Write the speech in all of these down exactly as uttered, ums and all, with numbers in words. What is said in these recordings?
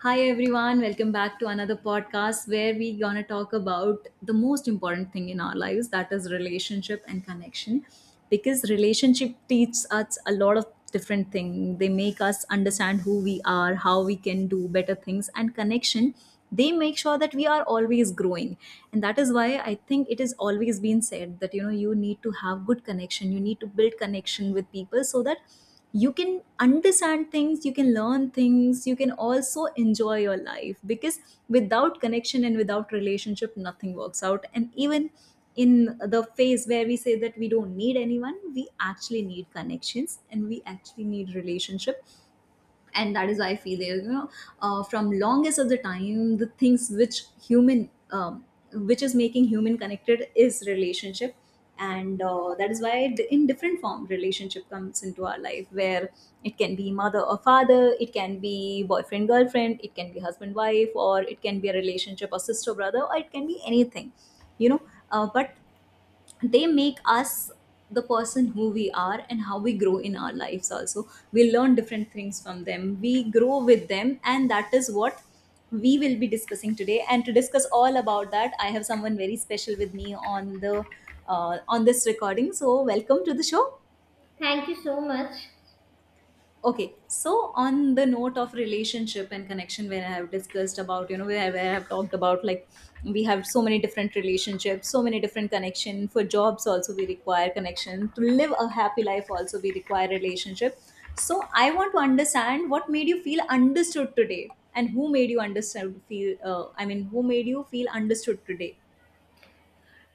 Hi everyone, welcome back to another podcast where we gonna talk about the most important thing in our lives, that is relationship and connection, because relationship teaches us a lot of different things. They make us understand who we are, how we can do better things, and connection, they make sure that we are always growing. And that is why I think it has always been said that you know you need to have good connection, you need to build connection with people so that you can understand things, you can learn things, you can also enjoy your life, because without connection and without relationship nothing works out. And even in the phase where we say that we don't need anyone, we actually need connections and we actually need relationship. And that is why I feel you know uh, from longest of the time the things which human um, which is making human connected is relationship. And uh, that is why d- in different form relationship comes into our life, where it can be mother or father, it can be boyfriend girlfriend, it can be husband wife, or it can be a relationship or sister brother, or it can be anything, you know. Uh, but they make us the person who we are, and how we grow in our lives, also we learn different things from them, we grow with them. And that is what we will be discussing today. And to discuss all about that, I have someone very special with me on the uh, on this recording, so welcome to the show. Thank you so much. Okay, so on the note of relationship and connection, where I have discussed about, you know, where, where I have talked about like we have so many different relationships, so many different connection for jobs. Also, we require connection to live a happy life. Also, we require relationship. So, I want to understand what made you feel understood today, and who made you understand feel. Uh, I mean, who made you feel understood today?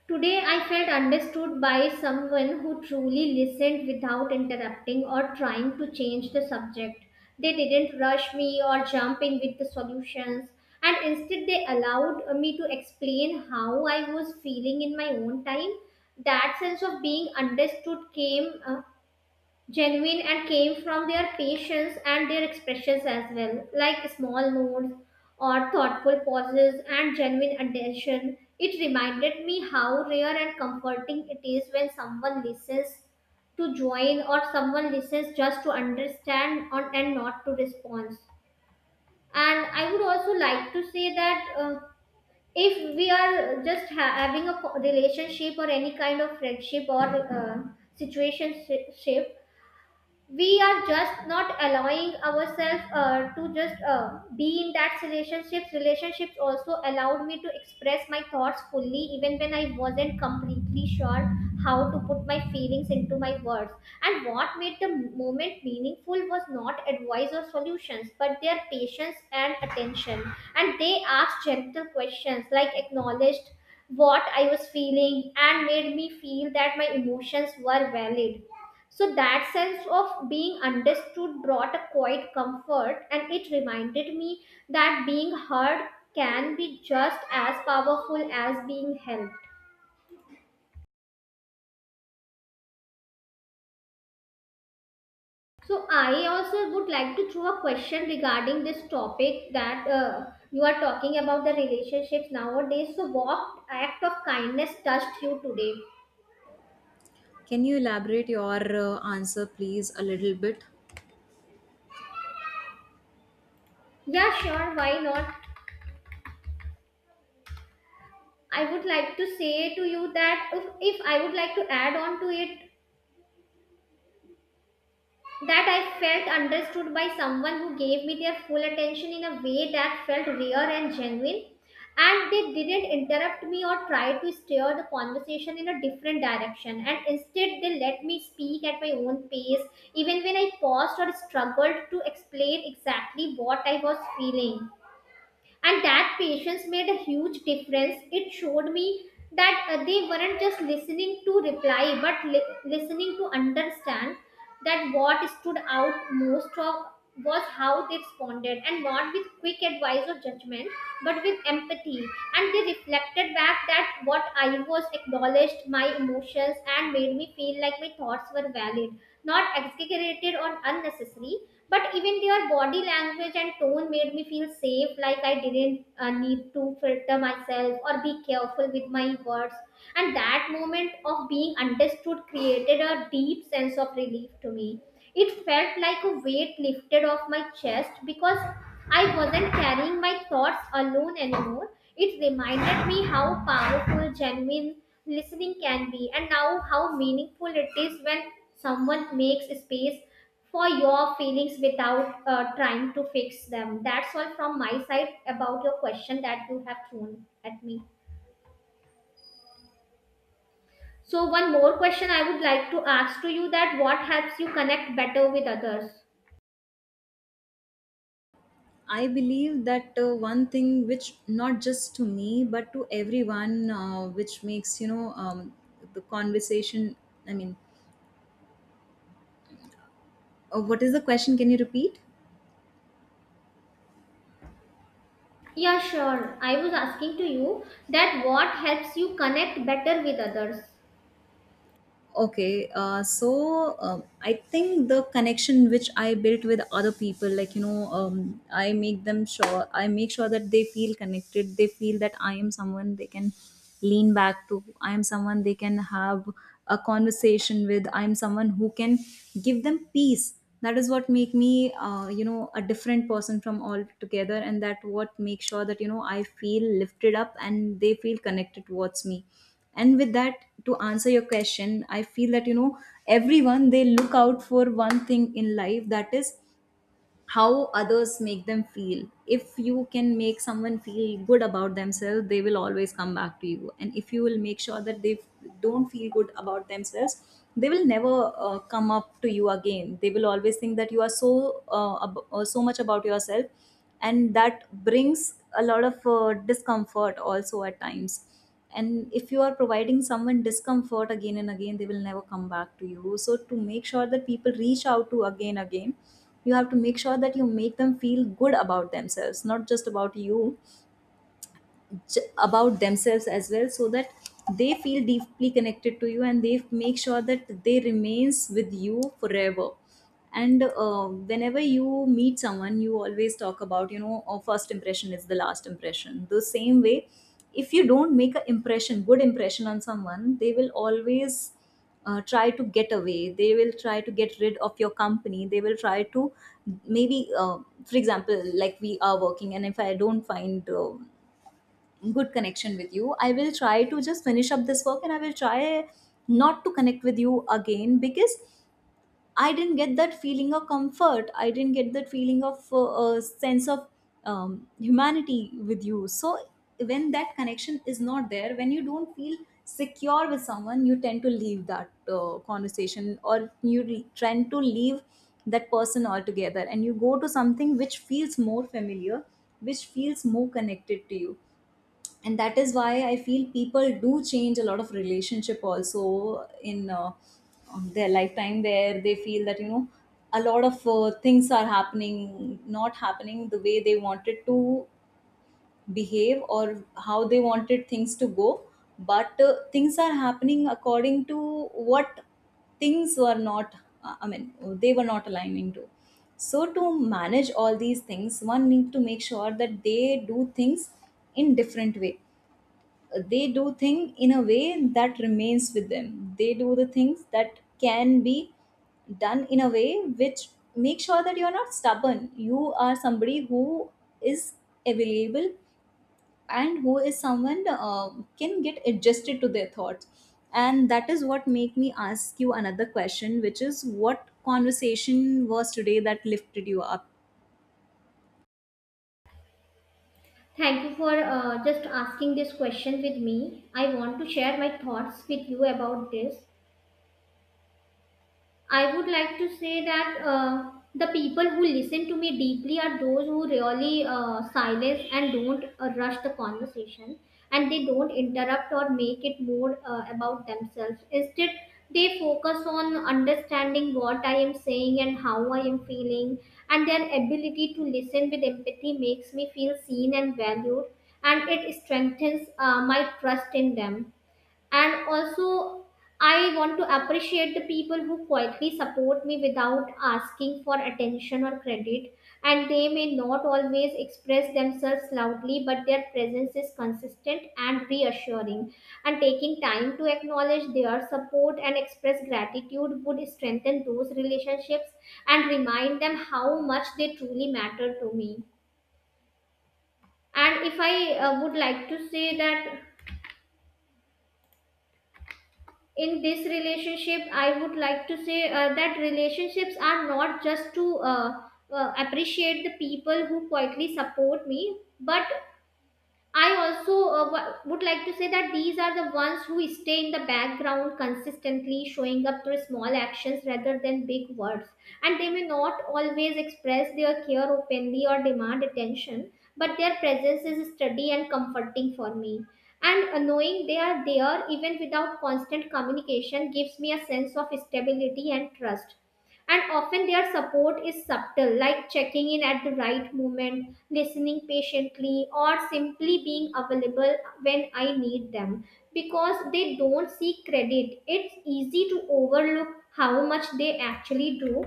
Today I felt understood by someone who truly listened without interrupting or trying to change the subject. They didn't rush me or jump in with the solutions, and instead, they allowed me to explain how I was feeling in my own time. That sense of being understood came uh, genuine and came from their patience and their expressions as well, like small notes or thoughtful pauses and genuine attention. It reminded me how rare and comforting it is when someone listens to join or someone listens just to understand on, and not to respond. And I would also like to say that uh, if we are just ha- having a co- relationship or any kind of friendship or uh, situationship, we are just not allowing ourselves uh, to just uh, be in that relationships relationships also allowed me to express my thoughts fully even when I wasn't completely sure how to put my feelings into my words. And what made the moment meaningful was not advice or solutions but their patience and attention. And they asked gentle questions like acknowledged what I was feeling and made me feel that my emotions were valid. So that sense of being understood brought a quiet comfort, and it reminded me that being heard can be just as powerful as being helped. So I also would like to throw a question regarding this topic that uh, you are talking about the relationships nowadays. So what act of kindness touched you today? Can you elaborate your uh, answer, please, a little bit? Yeah, sure, why not? I would like to say to you that if, if I would like to add on to it, that I felt understood by someone who gave me their full attention in a way that felt real and genuine. And they didn't interrupt me or try to steer the conversation in a different direction. And instead, they let me speak at my own pace, even when I paused or struggled to explain exactly what I was feeling. And that patience made a huge difference. It showed me that uh, they weren't just listening to reply but li- listening to understand. That what stood out most of was how they responded, and not with quick advice or judgment, but with empathy. And they reflected back that what I was acknowledged my emotions and made me feel like my thoughts were valid, not exaggerated or unnecessary. But even their body language and tone made me feel safe, like I didn't uh, need to filter myself or be careful with my words. And that moment of being understood created a deep sense of relief to me. It felt like a weight lifted off my chest because I wasn't carrying my thoughts alone anymore. It reminded me how powerful, genuine listening can be, and now how meaningful it is when someone makes space for your feelings without uh, trying to fix them. That's all from my side about your question that you have thrown at me. So one more question I would like to ask to you that what helps you connect better with others? I believe that uh, one thing which not just to me but to everyone, uh, which makes you know um, the conversation. I mean, uh, what is the question? Can you repeat? Yeah, sure. I was asking to you that what helps you connect better with others? Okay, uh, so um, I think the connection which I built with other people, like you know um, i make them sure I make sure that they feel connected, they feel that I am someone they can lean back to, I am someone they can have a conversation with, I am someone who can give them peace. That is what make me uh, you know a different person from all together, and that what makes sure that you know I feel lifted up and they feel connected towards me. And with that, to answer your question, I feel that you know everyone, they look out for one thing in life, that is how others make them feel. If you can make someone feel good about themselves, they will always come back to you. And if you will make sure that they don't feel good about themselves, they will never uh, come up to you again. They will always think that you are so uh, ab- uh, so much about yourself, and that brings a lot of uh, discomfort also at times. And if you are providing someone discomfort again and again, they will never come back to you. So to make sure that people reach out to again again, you have to make sure that you make them feel good about themselves, not just about you, j- about themselves as well, so that they feel deeply connected to you and they make sure that they remains with you forever. And uh, whenever you meet someone, you always talk about, you know, oh, first impression is the last impression. The same way, if you don't make an impression, good impression on someone, they will always uh, try to get away, they will try to get rid of your company, they will try to maybe uh, for example, like we are working, and if I don't find uh, good connection with you, I will try to just finish up this work and I will try not to connect with you again, because I didn't get that feeling of comfort. I didn't get that feeling of uh, uh, sense of um, humanity with you. So when that connection is not there, when you don't feel secure with someone, you tend to leave that uh, conversation, or you re- tend to leave that person altogether, and you go to something which feels more familiar, which feels more connected to you. And that is why I feel people do change a lot of relationship also in uh, um, their lifetime, where they feel that you know a lot of uh, things are happening, not happening the way they wanted to behave or how they wanted things to go. But uh, things are happening according to what things were not, uh, I mean, they were not aligning to. So to manage all these things, one need to make sure that they do things in different way, they do thing in a way that remains with them, they do the things that can be done in a way which make sure that you're not stubborn, you are somebody who is available, and who is someone uh, can get adjusted to their thoughts. And that is what make me ask you another question, which is what conversation was today that lifted you up. Thank you for uh, just asking this question with me. I want to share my thoughts with you about this. I would like to say that uh, the people who listen to me deeply are those who really uh, silence and don't uh, rush the conversation, and they don't interrupt or make it more uh, about themselves. Instead, they focus on understanding what I am saying and how I am feeling, and their ability to listen with empathy makes me feel seen and valued, and it strengthens uh, my trust in them. And also, I want to appreciate the people who quietly support me without asking for attention or credit. And they may not always express themselves loudly, but their presence is consistent and reassuring. And taking time to acknowledge their support and express gratitude would strengthen those relationships and remind them how much they truly matter to me. And if I uh, would like to say that in this relationship, I would like to say uh, that relationships are not just to uh, uh, appreciate the people who quietly support me, but I also uh, w- would like to say that these are the ones who stay in the background consistently, showing up through small actions rather than big words. And they may not always express their care openly or demand attention, but their presence is steady and comforting for me. And uh, knowing they are there even without constant communication gives me a sense of stability and trust. And often their support is subtle, like checking in at the right moment, listening patiently, or simply being available when I need them. Because they don't seek credit, it's easy to overlook how much they actually do.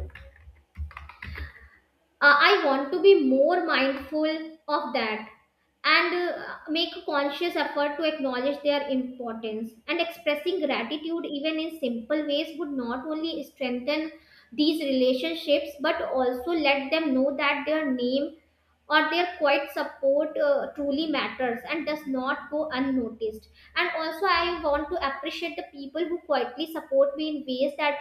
uh, I want to be more mindful of that, and uh, make a conscious effort to acknowledge their importance, and expressing gratitude even in simple ways would not only strengthen these relationships but also let them know that their name or their quiet support uh, truly matters and does not go unnoticed. And also, I want to appreciate the people who quietly support me in ways that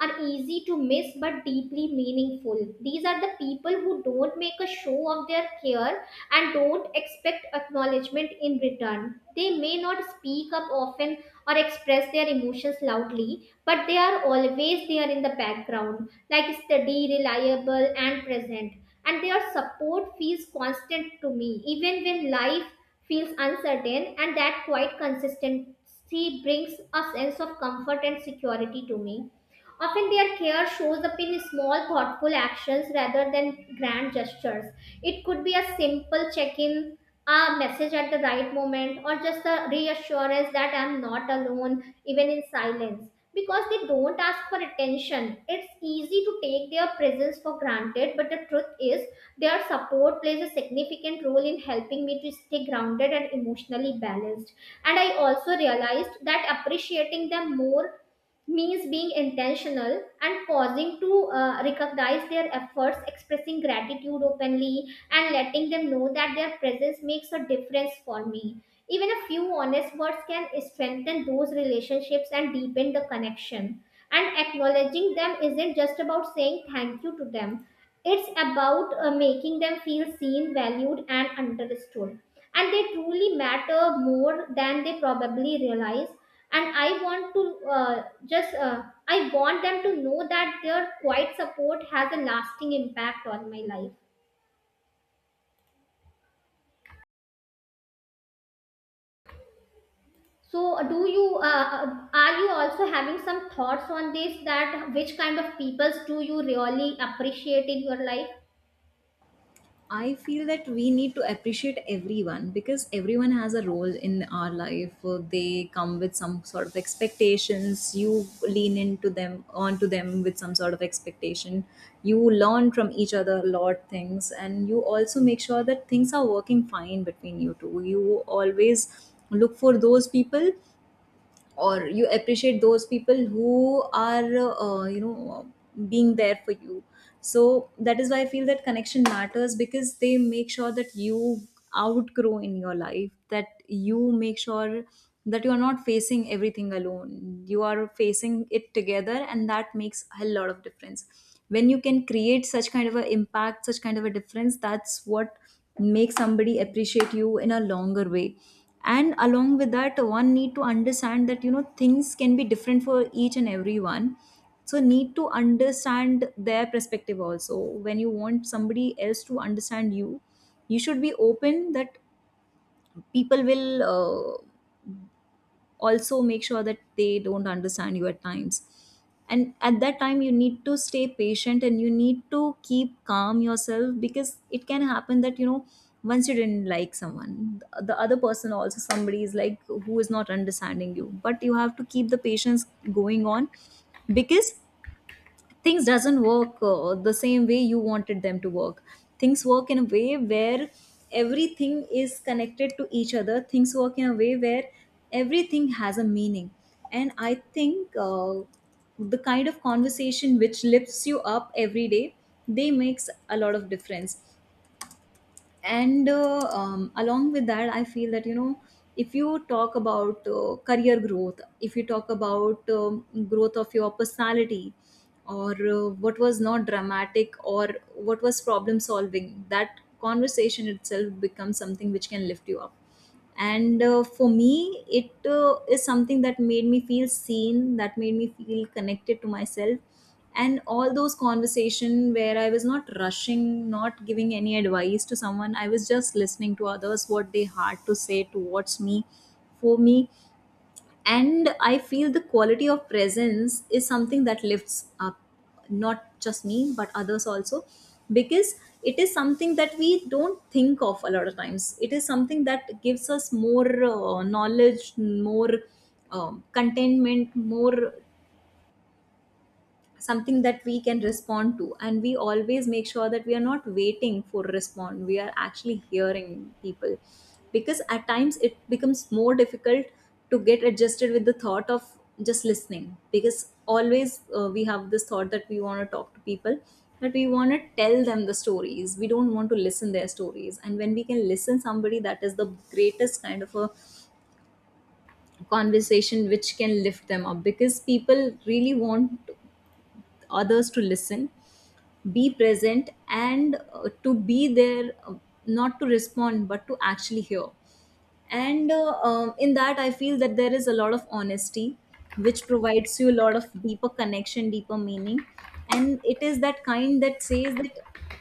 are easy to miss but deeply meaningful. These are the people who don't make a show of their care and don't expect acknowledgement in return. They may not speak up often or express their emotions loudly, but they are always there in the background, like steady, reliable, and present. And their support feels constant to me even when life feels uncertain, and that quiet consistency brings a sense of comfort and security to me. Often their care shows up in small thoughtful actions rather than grand gestures. It could be a simple check-in, a message at the right moment, or just the reassurance that I'm not alone even in silence. Because they don't ask for attention, it's easy to take their presence for granted, but the truth is their support plays a significant role in helping me to stay grounded and emotionally balanced. And I also realized that appreciating them more means being intentional and pausing to uh, recognize their efforts. Expressing gratitude openly and letting them know that their presence makes a difference for me, even a few honest words, can strengthen those relationships and deepen the connection. And acknowledging them isn't just about saying thank you to them. It's about uh, making them feel seen, valued, and understood. And they truly matter more than they probably realize. And I want to uh, just uh, I want them to know that their quiet support has a lasting impact on my life. So do you uh, uh, are you also having some thoughts on this, that which kind of peoples do you really appreciate in your life? I feel that we need to appreciate everyone because everyone has a role in our life. Uh, They come with some sort of expectations. You lean into them, onto them, with some sort of expectation. You learn from each other a lot things, and you also make sure that things are working fine between you two. You always look for those people, or you appreciate those people who are uh, you know, being there for you. So that is why I feel that connection matters, because they make sure that you outgrow in your life, that you make sure that you are not facing everything alone, you are facing it together, and that makes a lot of difference. When you can create such kind of an impact, such kind of a difference, that's what make somebody appreciate you in a longer way. And along with that, one need to understand that you know things can be different for each and everyone, so need to understand their perspective also. When you want somebody else to understand you, you should be open that people will uh, also make sure that they don't understand you at times. And at that time you need to stay patient and you need to keep calm yourself, because it can happen that you know once you didn't like someone, the the other person also somebody is like who is not understanding you, but you have to keep the patience going on. Because things doesn't work uh, the same way you wanted them to work. Things work in a way where everything is connected to each other, things work in a way where everything has a meaning. And I think uh, the kind of conversation which lifts you up every day, they makes a lot of difference. And uh, um, along with that, I feel that you know if you talk about uh, career growth, if you talk about um, growth of your personality, or uh, what was not dramatic, or what was problem solving, that conversation itself becomes something which can lift you up. And uh, for me it uh, is something that made me feel seen, that made me feel connected to myself. And all those conversation where I was not rushing, not giving any advice to someone, I was just listening to others what they had to say towards me, for me. And I feel the quality of presence is something that lifts up not just me but others also, because it is something that we don't think of a lot of times. It is something that gives us more uh, knowledge, more um, contentment, more, something that we can respond to. And we always make sure that we are not waiting for respond, we are actually hearing people. Because at times it becomes more difficult to get adjusted with the thought of just listening, because always uh, we have this thought that we want to talk to people, that we want to tell them the stories, we don't want to listen their stories. And when we can listen somebody, that is the greatest kind of a conversation which can lift them up, because people really want others to listen, be present, and uh, to be there, uh, not to respond, but to actually hear. And uh, um, in that I feel that there is a lot of honesty which Provides you a lot of deeper connection, deeper meaning. And it is that kind that says that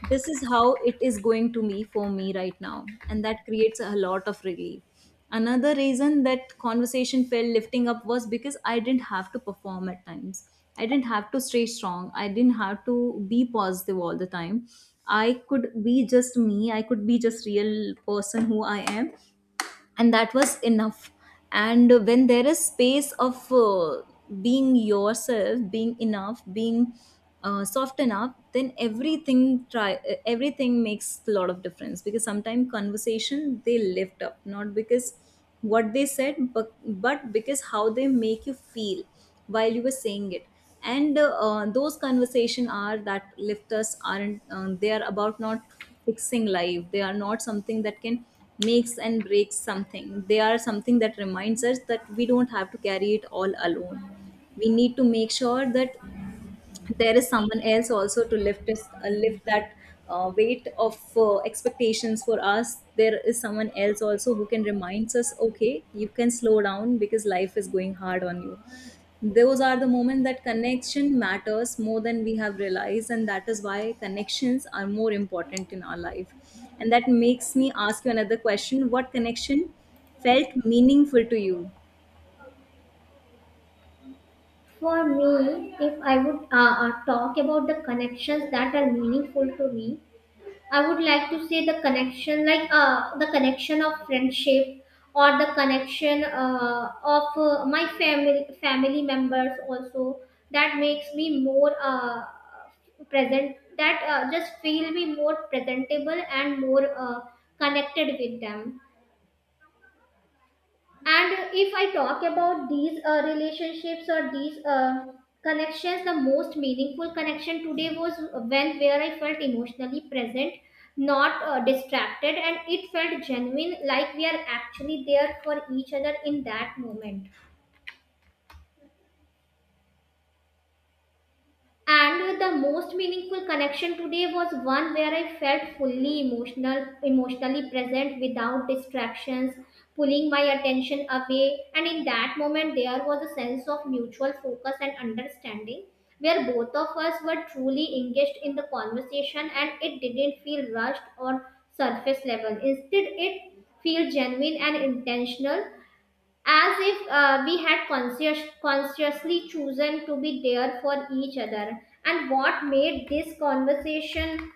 this is how it is going to be for me right now, and that creates a lot of relief. Another reason that conversation felt lifting up was because I didn't have to perform at times. I didn't have to stay strong, I didn't have to be positive all the time. I could be just me, I could be just real person who I am, and that was enough. And when there is space of uh, being yourself, being enough, being uh, soft enough, then everything try uh, everything makes a lot of difference. Because sometimes conversation they lift up not because what they said, but, but because how they make you feel while you were saying it. And uh, those conversation are that lifters aren't, um, they are about not fixing life. They are not something that can makes and breaks something. They are something that reminds us that we don't have to carry it all alone. We need to make sure that there is someone else also to lift this, uh, lift that uh, weight of uh, expectations for us. There is someone else also who can remind us, okay, you can slow down because life is going hard on you. Those are the moments that connection matters more than we have realized, and that is why connections are more important in our life. And that makes me ask you another question: what connection felt meaningful to you? For me, if I would uh, uh, talk about the connections that are meaningful to me, I would like to say the connection, like uh, the connection of friendship or the connection uh, of uh, my family family members also. That makes me more uh, present. That uh, just feel me more presentable and more uh, connected with them. And if I talk about these uh, relationships or these uh, connections, the most meaningful connection today was when where I felt emotionally present, not uh, distracted, and it felt genuine like we are actually there for each other in that moment. And the most meaningful connection today was one where I felt fully emotional, emotionally present without distractions pulling my attention away. And in that moment, there was a sense of mutual focus and understanding where both of us were truly engaged in the conversation, and it didn't feel rushed or surface level. Instead, it felt genuine and intentional, as if uh, we had conscious, consciously chosen to be there for each other. And what made this conversation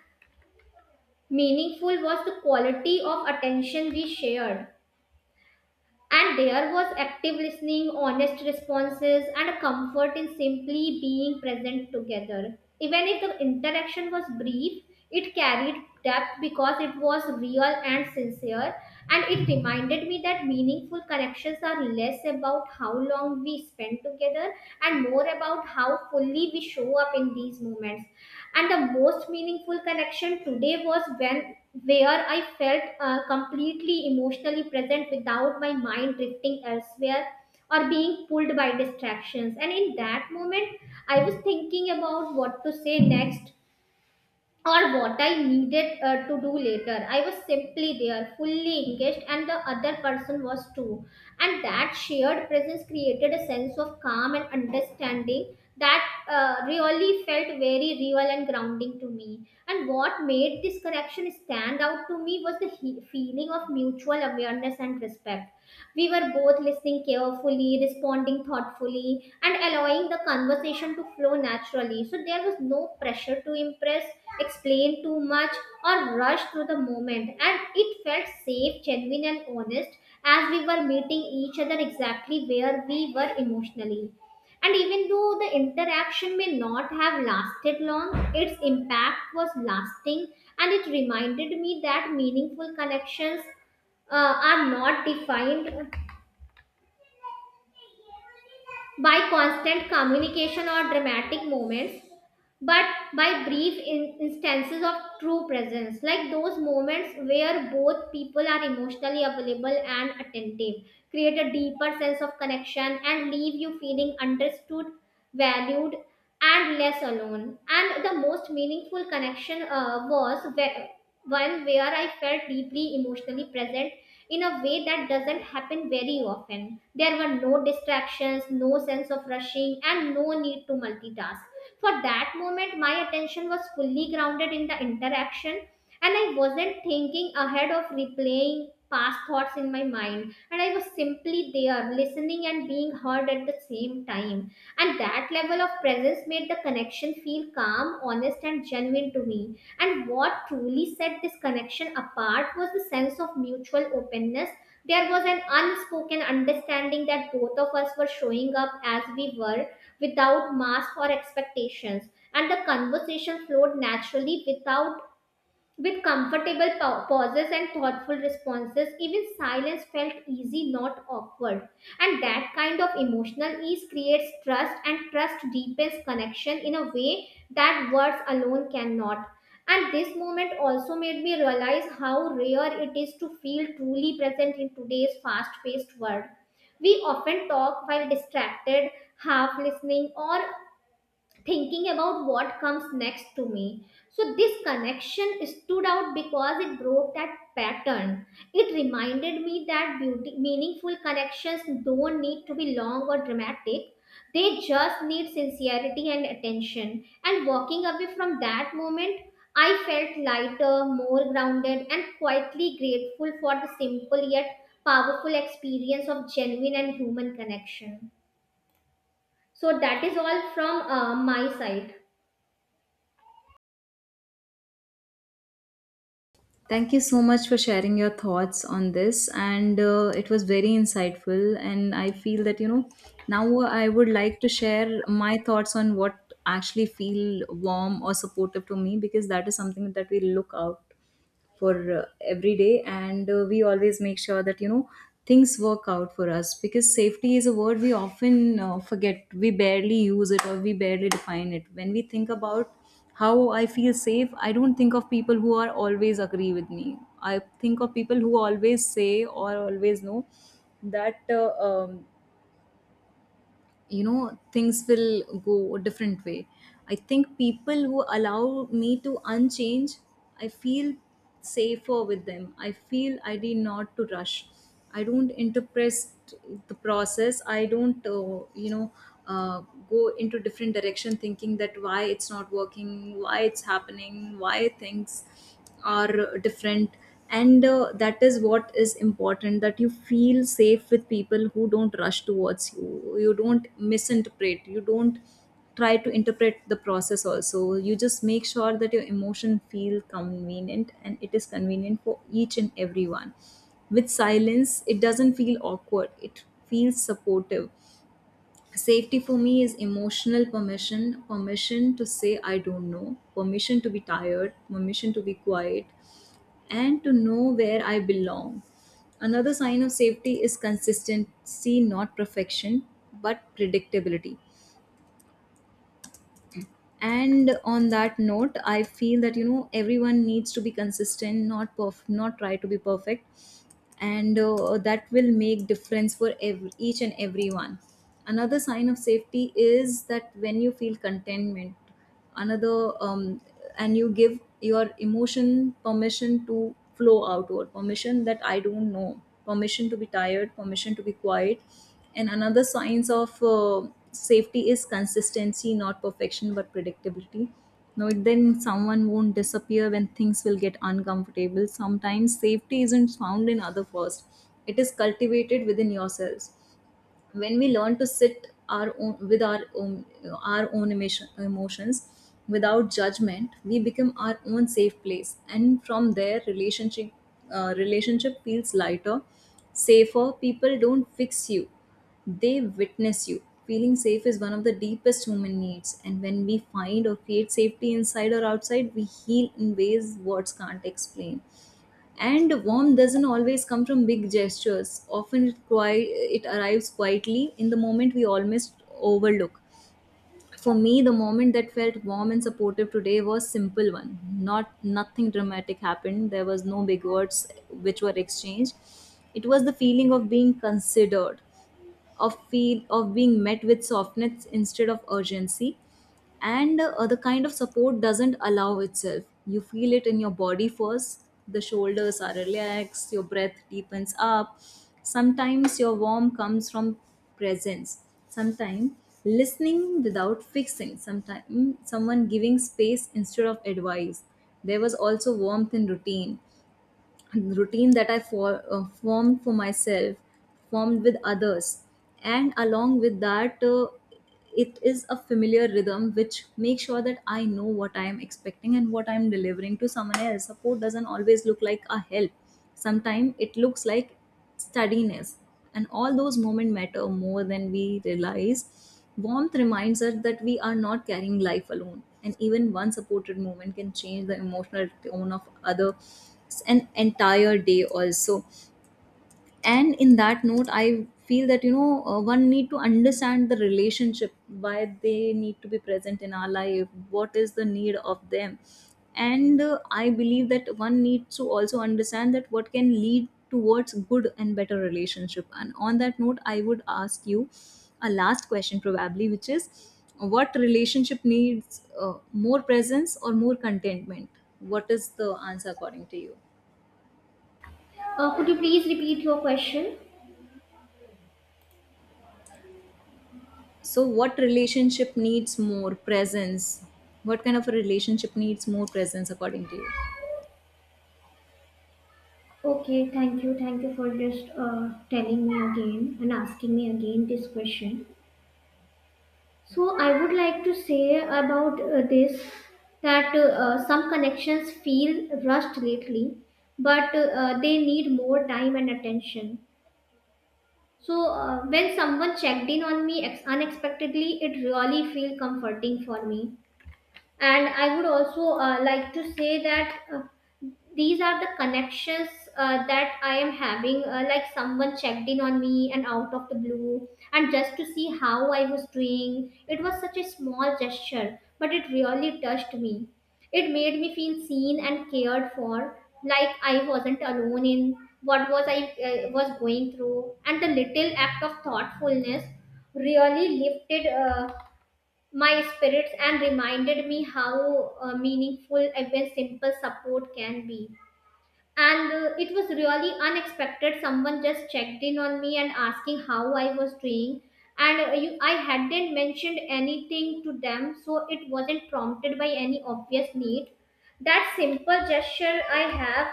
meaningful was the quality of attention we shared. And there was active listening, honest responses, and a comfort in simply being present together. Even if the interaction was brief, it carried depth because it was real and sincere, and it reminded me that meaningful connections are less about how long we spend together and more about how fully we show up in these moments. And the most meaningful connection today was when where I felt uh, completely emotionally present without my mind drifting elsewhere or being pulled by distractions. And in that moment, I was thinking about what to say next or what I needed uh, to do later. I was simply there, fully engaged, and the other person was too. And that shared presence created a sense of calm and understanding that uh, really felt very real and grounding to me. And what made this connection stand out to me was the he- feeling of mutual awareness and respect. We were both listening carefully, responding thoughtfully, and allowing the conversation to flow naturally. So there was no pressure to impress, explain too much, or rush through the moment. And it felt safe, genuine, and honest as we were meeting each other exactly where we were emotionally. And even though the interaction may not have lasted long, its impact was lasting, and it reminded me that meaningful connections uh, are not defined by constant communication or dramatic moments, but by brief in- instances of true presence, like those moments where both people are emotionally available and attentive, create a deeper sense of connection and leave you feeling understood, valued, and less alone. And the most meaningful connection uh, was where, one where I felt deeply emotionally present in a way that doesn't happen very often. There were no distractions, no sense of rushing, and no need to multitask. For that moment, my attention was fully grounded in the interaction, and I wasn't thinking ahead of replaying past thoughts in my mind. And I was simply there, listening and being heard at the same time. And that level of presence made the connection feel calm, honest, and genuine to me. And what truly set this connection apart was the sense of mutual openness. There was an unspoken understanding that both of us were showing up as we were, without masks or expectations. And the conversation flowed naturally without with comfortable pa- pauses and thoughtful responses. Even silence felt easy, not awkward. And that kind of emotional ease creates trust, and trust deepens connection in a way that words alone cannot. And this moment also made me realize how rare it is to feel truly present in today's fast paced world. We often talk while distracted, half listening, or thinking about what comes next to me. So, this connection stood out because it broke that pattern. It reminded me that beauty, meaningful connections don't need to be long or dramatic, they just need sincerity and attention. And walking away from that moment, I felt lighter, more grounded, and quietly grateful for the simple yet powerful experience of genuine and human connection. So, that is all from uh, my side. Thank you so much for sharing your thoughts on this, and uh, it was very insightful. And I feel that, you know, now I would like to share my thoughts on what actually feel warm or supportive to me, because that is something that we look out for uh, every day. And uh, we always make sure that, you know, things work out for us, because safety is a word we often uh, forget. We barely use it or we barely define it. When we think about how I feel safe, I don't think of people who are always agree with me. I think of people who always say or always know that uh, um, you know, things will go a different way. I think people who allow me to unchange, I feel safer with them. I feel I need not to rush, I don't interpret the process, I don't, uh, you know uh, go into different direction thinking that why it's not working, why it's happening, why things are different. And uh, that is what is important, that you feel safe with people who don't rush towards you, you don't misinterpret, you don't try to interpret the process also. You just make sure that your emotion feel convenient, and it is convenient for each and everyone. With silence it doesn't feel awkward, it feels supportive. Safety for me is emotional permission, permission to say I don't know, permission to be tired, permission to be quiet, and to know where I belong. Another sign of safety is consistency, not perfection, but predictability. And on that note, I feel that, you know, everyone needs to be consistent, not perf- not try to be perfect, and uh, that will make difference for every, each and everyone. Another sign of safety is that when you feel contentment, another, um, and you give your emotion permission to flow outward, permission that I don't know, permission to be tired, permission to be quiet. And another signs of uh, safety is consistency, not perfection, but predictability. No, then someone won't disappear when things will get uncomfortable. Sometimes safety isn't found in other first, it is cultivated within yourselves. When we learn to sit our own with our own our own emotion, emotions without judgment, we become our own safe place. And from there, relationship uh, relationship feels lighter, safer. People don't fix you, they witness you. Feeling safe is one of the deepest human needs, and when we find or create safety inside or outside, we heal in ways words can't explain. And warmth doesn't always come from big gestures. Often it, qui- it arrives quietly in the moment we almost overlook. For me, the moment that felt warm and supportive today was simple one. Not nothing dramatic happened. There was no big words which were exchanged. It was the feeling of being considered, of feel of being met with softness instead of urgency. And uh, the kind of support doesn't allow itself, you feel it in your body first. The shoulders are relaxed, your breath deepens up. Sometimes your warmth comes from presence, sometimes listening without fixing, sometimes someone giving space instead of advice. There was also warmth in routine, and the routine that I for, uh, formed for myself, formed with others. And along with that, uh, it is a familiar rhythm which makes sure that I know what I am expecting and what I am delivering to someone else. Support doesn't always look like a help. Sometimes it looks like steadiness, and all those moments matter more than we realize. Warmth reminds us that we are not carrying life alone, and even one supported moment can change the emotional tone of other, an entire day also. And in that note, I feel that, you know, uh, one need to understand the relationship, why they need to be present in our life, what is the need of them. And uh, I believe that one needs to also understand that what can lead towards good and better relationship. And on that note, I would ask you a last question probably, which is, what relationship needs uh, more presence or more contentment? What is the answer according to you? Uh, could you please repeat your question? So, what relationship needs more presence? What kind of a relationship needs more presence, according to you? Okay, thank you. Thank you for just uh, telling me again and asking me again this question. So, I would like to say about uh, this that uh, uh, some connections feel rushed lately, but uh, uh, they need more time and attention. So, uh, when someone checked in on me ex- unexpectedly, it really feel comforting for me. And I would also uh, like to say that uh, these are the connections uh, that I am having, uh, like someone checked in on me and out of the blue and just to see how I was doing. It was such a small gesture, but it really touched me. It made me feel seen and cared for, like I wasn't alone in what was i uh, was going through. And the little act of thoughtfulness really lifted uh, my spirits and reminded me how uh, meaningful even simple support can be. And uh, it was really unexpected. Someone just checked in on me and asking how I was doing. And uh, you, I hadn't mentioned anything to them, so it wasn't prompted by any obvious need. That simple gesture I have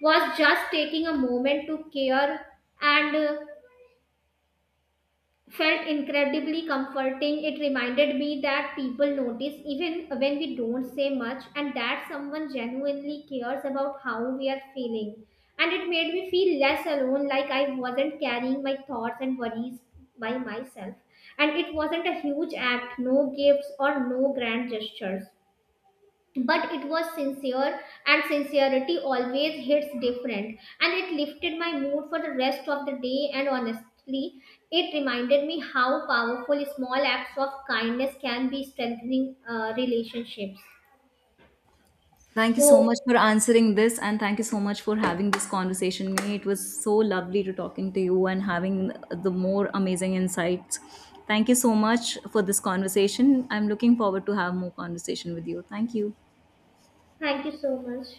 was just taking a moment to care, and uh, felt incredibly comforting. It reminded me that people notice even when we don't say much, and that someone genuinely cares about how we are feeling. And it made me feel less alone, like I wasn't carrying my thoughts and worries by myself. And it wasn't a huge act, no gifts or no grand gestures, but it was sincere, and sincerity always hits different. And it lifted my mood for the rest of the day, and honestly, it reminded me how powerful small acts of kindness can be, strengthening uh, relationships. Thank you so So much for answering this, and thank you so much for having this conversation with me. It was so lovely to talking to you and having the more amazing insights. Thank you so much for this conversation. I'm looking forward to have more conversation with you. Thank you. thank you so much.